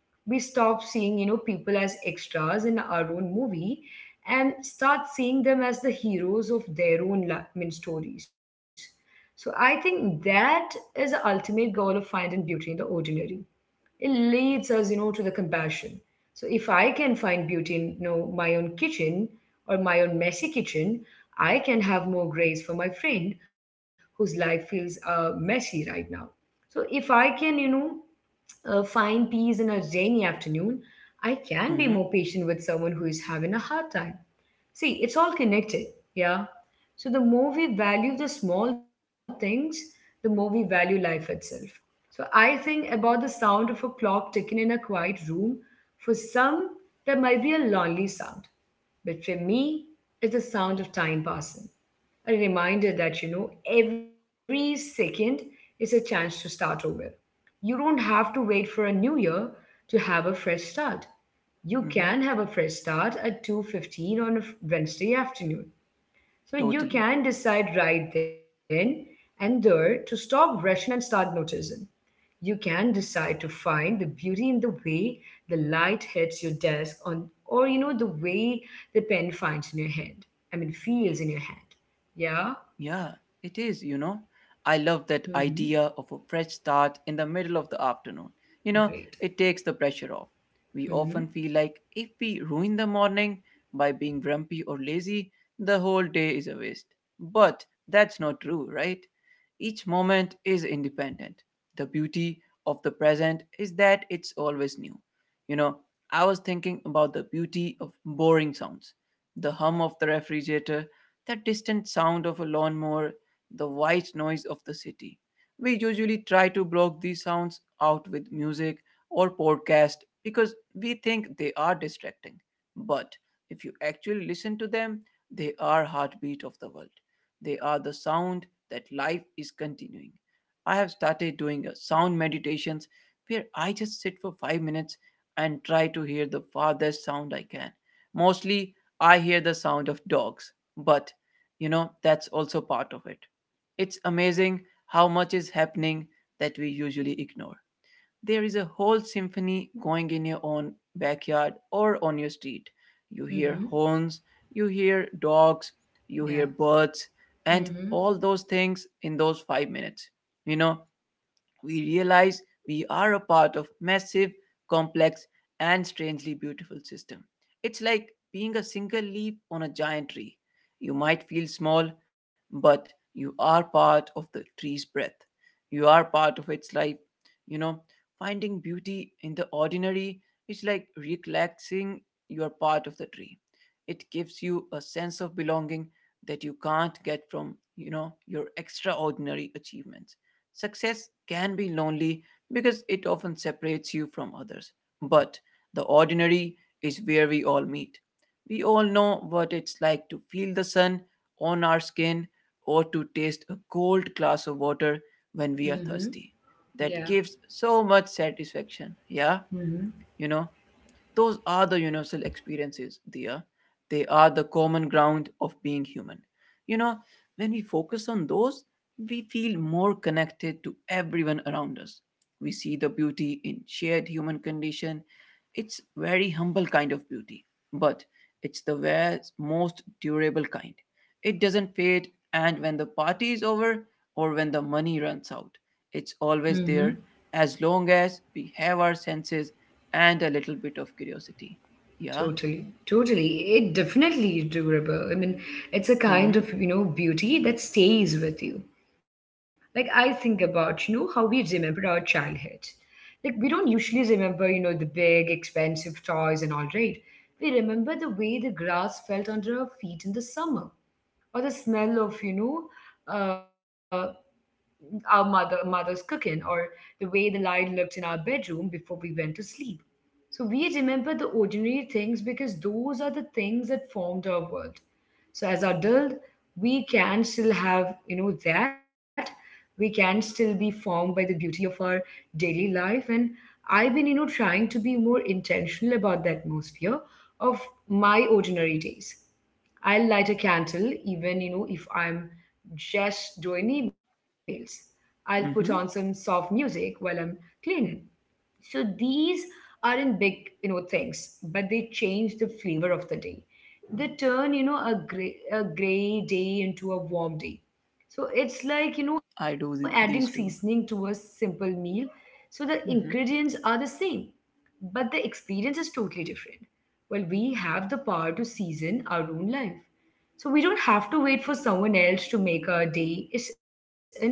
We stop seeing, people as extras in our own movie and start seeing them as the heroes of their own stories. So I think that is the ultimate goal of finding beauty in the ordinary. It leads us, to the compassion. So if I can find beauty in, my own kitchen, or my own messy kitchen, I can have more grace for my friend whose life feels messy right now. So if I can, find peace in a rainy afternoon, I can
mm
be
hmm,
more patient with someone who is having a hard time. See, it's all connected. Yeah. So the more we value the small things, the more we value life itself. So I think about the sound of a clock ticking in a quiet room. For some, that might be a lonely sound. But for me, it's the sound of time passing. A reminder that, every second is a chance to start over. You don't have to wait for a new year to have a fresh start. You
mm hmm,
can have a fresh start at 2:15 on a Wednesday afternoon. So you
totally.
can decide right then and there to stop rushing and start noticing. You can decide to find the beauty in the way the light hits your desk on, or the way the pen finds in your hand. I mean, feels in your hand. Yeah?
Yeah, it is, you know. I love
Mhm.
that idea of a fresh start in the middle of the afternoon. You know,
Great.
it takes the pressure off. We often feel like if we ruin the morning by being grumpy or lazy, the whole day is a waste. But that's not true, right? Each moment is independent. The beauty of the present is that it's always new. You know, I was thinking about the beauty of boring sounds, the hum of the refrigerator, that distant sound of a lawnmower, the white noise of the city. We usually try to block these sounds out with music or podcast because we think they are distracting. But if you actually listen to them, they are heartbeat of the world. They are the sound that life is continuing. I have started doing a sound meditations where I just sit for 5 minutes and try to hear the farthest sound I can. Mostly I hear the sound of dogs, but you know, that's also part of it. It's amazing how much is happening that we usually ignore. There is a whole symphony going in your own backyard or on your street. You hear horns, you hear dogs, you hear
Yeah.
birds, and all those things. In those 5 minutes, you know, we realize we are a part of massive, complex, and strangely beautiful system. It's like being a single leaf on a giant tree. You might feel small, but you are part of the tree's breath. You are part of its life. You know, finding beauty in the ordinary is like relaxing, you are part of the tree. It gives you a sense of belonging that you can't get from, you know, your extraordinary achievements. Success can be lonely because it often separates you from others. But the ordinary is where we all meet. We all know what it's like to feel the sun on our skin or to taste a cold glass of water when we are
Mhm.
thirsty. That
Yeah.
gives so much satisfaction. Yeah,
Mm-hmm.
you know. Those are the universal experiences, Dia. They are the common ground of being human. You know, when we focus on those, we feel more connected to everyone around us. We see the beauty in shared human condition. It's very humble kind of beauty, but it's the ware's most durable kind. It doesn't fade, and when the party is over or when the money runs out, it's always there as long as we have our senses and a little bit of curiosity. Yeah.
Totally, totally. It definitely is durable. I mean, it's a kind
Mm-hmm.
of, beauty that stays with you. Like I think about, how we remember our childhood. Like we don't usually remember, the big, expensive toys and all, right? We remember the way the grass felt under our feet in the summer, or the smell of, uh, our mother's cooking, or the way the light looked in our bedroom before we went to sleep. So we remember the ordinary things because those are the things that formed our world. So as adult, we can still have, that. We can still be formed by the beauty of our daily life. And I've been, trying to be more intentional about the atmosphere of my ordinary days. I'll light a candle, even if I'm just doing emails. I'll put on some
Mm-hmm.
soft music while I'm cleaning. So these aren't big, things, but they change the flavor of the day. They turn, a gray day into a warm day. So it's like,
I
adding
do
seasoning
these
to a
two.
simple meal. So the
Mm-hmm.
ingredients are the same, but the experience is totally different. Well, we have the power to season our own life. So we don't have to wait for someone else to make our day, is special.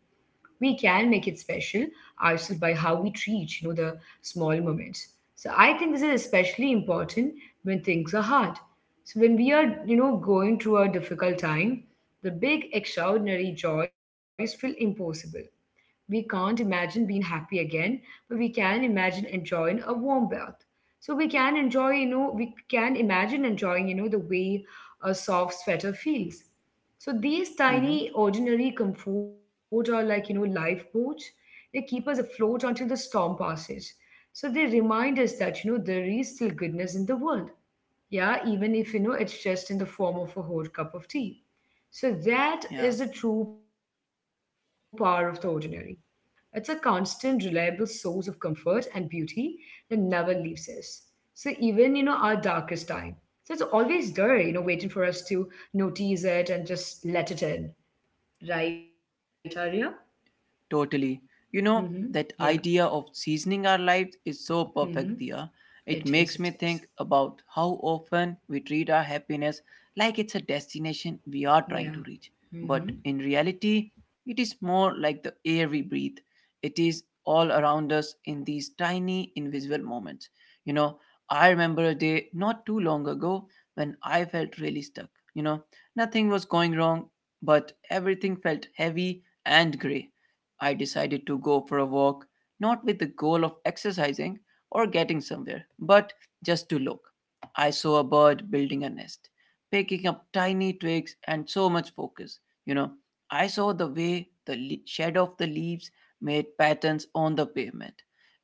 We can make it special ourselves by how we treat, the small moments. So I think this is especially important when things are hard. So when we are, going through a difficult time, the big extraordinary joys feel impossible. We can't imagine being happy again, but we can imagine enjoying a warm bath. So we can imagine enjoying, the way a soft sweater feels. So these
Mm-hmm.
tiny, ordinary comfort are like, lifeboats. They keep us afloat until the storm passes. So they remind us that, there is still goodness in the world. Yeah, even if, it's just in the form of a hot cup of tea. So that
Yeah.
is the true power of the ordinary. It's a constant, reliable source of comfort and beauty that never leaves us. So even, our darkest time. So it's always there, waiting for us to notice it and just let it in. Right, Arya?
Totally.
Mm-hmm.
You know,
Yeah.
that idea of seasoning our lives is so perfect,
Mm-hmm.
Dia. It
It is,
makes me
it is.
think about how often we treat our happiness like it's a destination we are trying to
Yeah.
reach. But
Mm-hmm.
in reality, it is more like the air we breathe. It is all around us in these tiny, invisible moments. You know, I remember a day not too long ago when I felt really stuck. You know, nothing was going wrong, but everything felt heavy and grey. I decided to go for a walk, not with the goal of exercising or getting somewhere, but just to look. I saw a bird building a nest, picking up tiny twigs and so much focus. You know, I saw the way the shadow of the leaves made patterns on the pavement.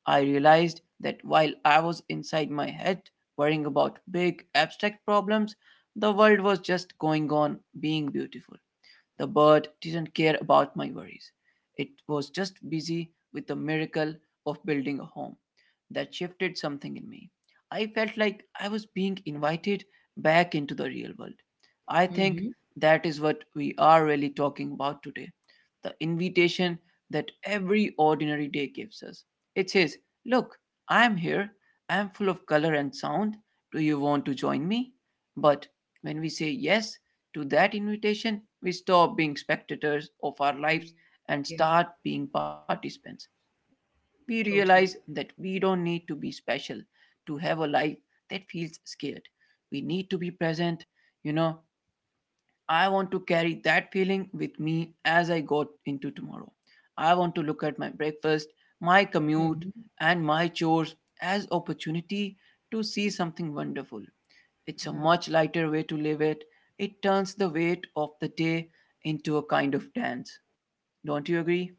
I realized that while I was inside my head worrying about big abstract problems, the world was just going on being beautiful. The bird didn't care about my worries. It was just busy with the miracle of building a home. That shifted something in me. I felt like I was being invited back into the real world. I
Mm-hmm.
think that is what we are really talking about today, the invitation that every ordinary day gives us. It says, "Look, I am here. I am full of color and sound. Do you want to join me?" But when we say yes to that invitation, we stop being spectators of our
Yeah.
lives and start being participants. We realize
Totally.
that we don't need to be special to have a life that feels scared. We need to be present. You know, I want to carry that feeling with me as I go into tomorrow. I want to look at my breakfast, my commute,
Mm-hmm.
and my chores as opportunity to see something wonderful. It's a
Yeah.
much lighter way to live it. It turns the weight of the day into a kind of dance. Don't you
Mm-hmm.
agree?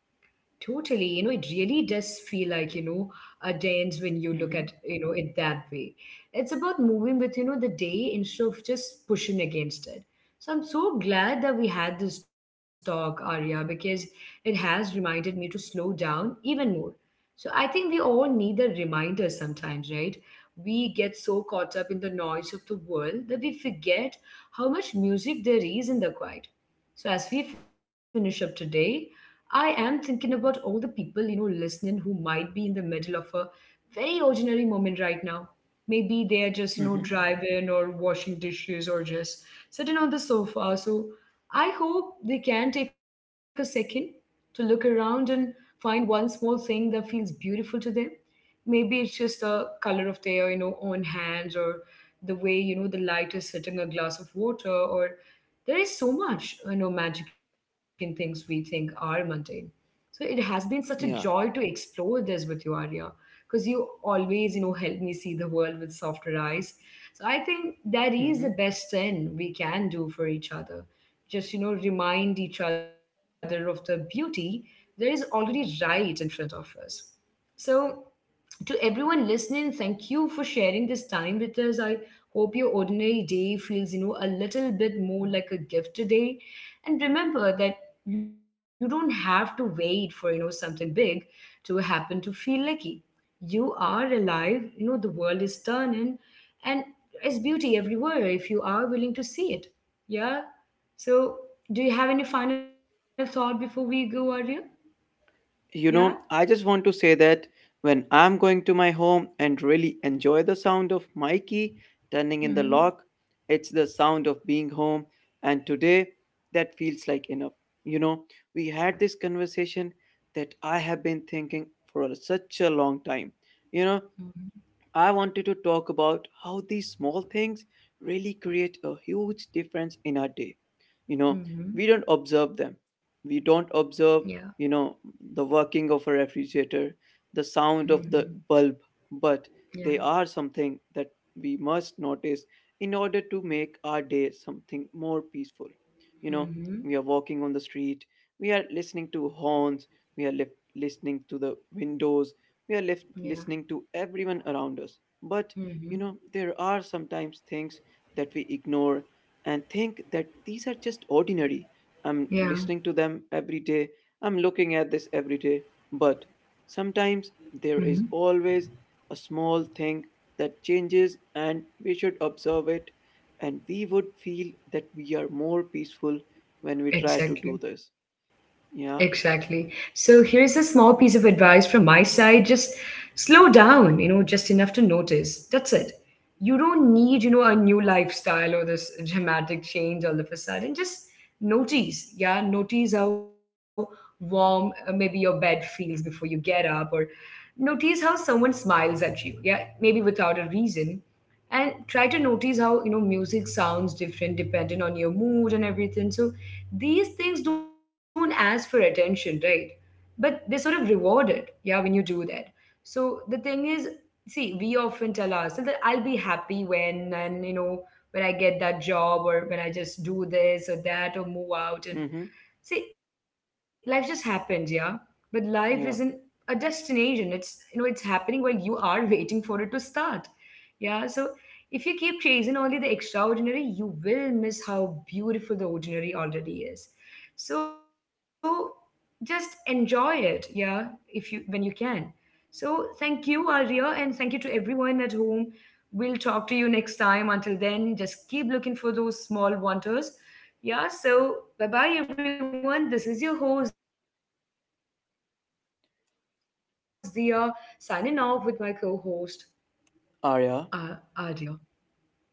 Totally, it really does feel like, a dance when you look at,
Hmm.
it that way. It's about moving with, the day instead of just pushing against it. So I'm so glad that we had this talk, Arya, because it has reminded me to slow down even more. So I think we all need a reminder sometimes, right? We get so caught up in the noise of the world that we forget how much music there is in the quiet. So, as we finish up today, I am thinking about all the people, listening, who might be in the middle of a very ordinary moment right now. Maybe they are just,
Hmm.
driving or washing dishes or just sitting on the sofa. So I hope they can take a second to look around and find one small thing that feels beautiful to them. Maybe it's just the color of their, own hands, or the way, the light is hitting a glass of water. Or there is so much, magic in things we think are mundane. So it has been such a joy
Yeah.
to explore this with you, Arya, because you always, help me see the world with softer eyes. So I think that is
Hmm.
the best thing we can do for each other, just, remind each other of the beauty that is already right in front of us. So, to everyone listening, thank you for sharing this time with us. I hope your ordinary day feels, a little bit more like a gift today. And remember that you don't have to wait for, something big to happen to feel lucky. You are alive, the world is turning, and there's beauty everywhere if you are willing to see it. Yeah. So, do you have any final thought before we go, Arya? Yeah.
You know, I just want to say that when I'm going to my home and really enjoy the sound of my key turning in the
Hmm.
lock, it's the sound of being home. And today, that feels like enough. You know, we had this conversation that I have been thinking for such a long time. You know, I wanted to talk about how these small things really create a huge difference in our day. You know,
Hmm.
we don't observe them. We don't
Yeah.
observe, you know, the working of a refrigerator, the sound of
Mhm.
the bulb, but
Yeah.
they are something that we must notice in order to make our day something more peaceful. You know,
Mhm.
we are walking on the street, we are listening to horns, we are listening to the windows, we are left
Yeah.
listening to everyone around us. But, you
Mhm.
know, there are sometimes things that we ignore and think that these are just ordinary. I'm
Yeah.
listening to them every day. I'm looking at this every day. But
Mhm.
sometimes there is always a small thing that changes and we should observe it, and we would feel that we are more peaceful when we try to
Exactly.
do this. Yeah.
Exactly. So here is a small piece of advice from my side. Just slow down, just enough to notice. That's it. You don't need, a new lifestyle or this dramatic change all of a sudden. Just notice. Yeah, notice how warm, maybe your bed feels before you get up, or notice how someone smiles at you, yeah, maybe without a reason. And try to notice how, music sounds different depending on your mood and everything. So these things don't ask for attention, right, but they sort of reward it, yeah, when you do that. So the thing is, see, we often tell ourselves that I'll be happy when, and you know when I get that job, or when I just do this or that or move out and.
Mm-hmm.
See, life just happens, yeah. But life isn't
Yeah.
a destination. It's happening while you are waiting for it to start. Yeah. So if you keep chasing only the extraordinary, you will miss how beautiful the ordinary already is. So just enjoy it, yeah, if you when you can. So thank you, Arya, and thank you to everyone at home. We'll talk to you next time. Until then, just keep looking for those small wonders. Yeah, so bye bye everyone. This is your host, Dia, signing off with my co host, Adia.
Arya.
Bye bye everyone.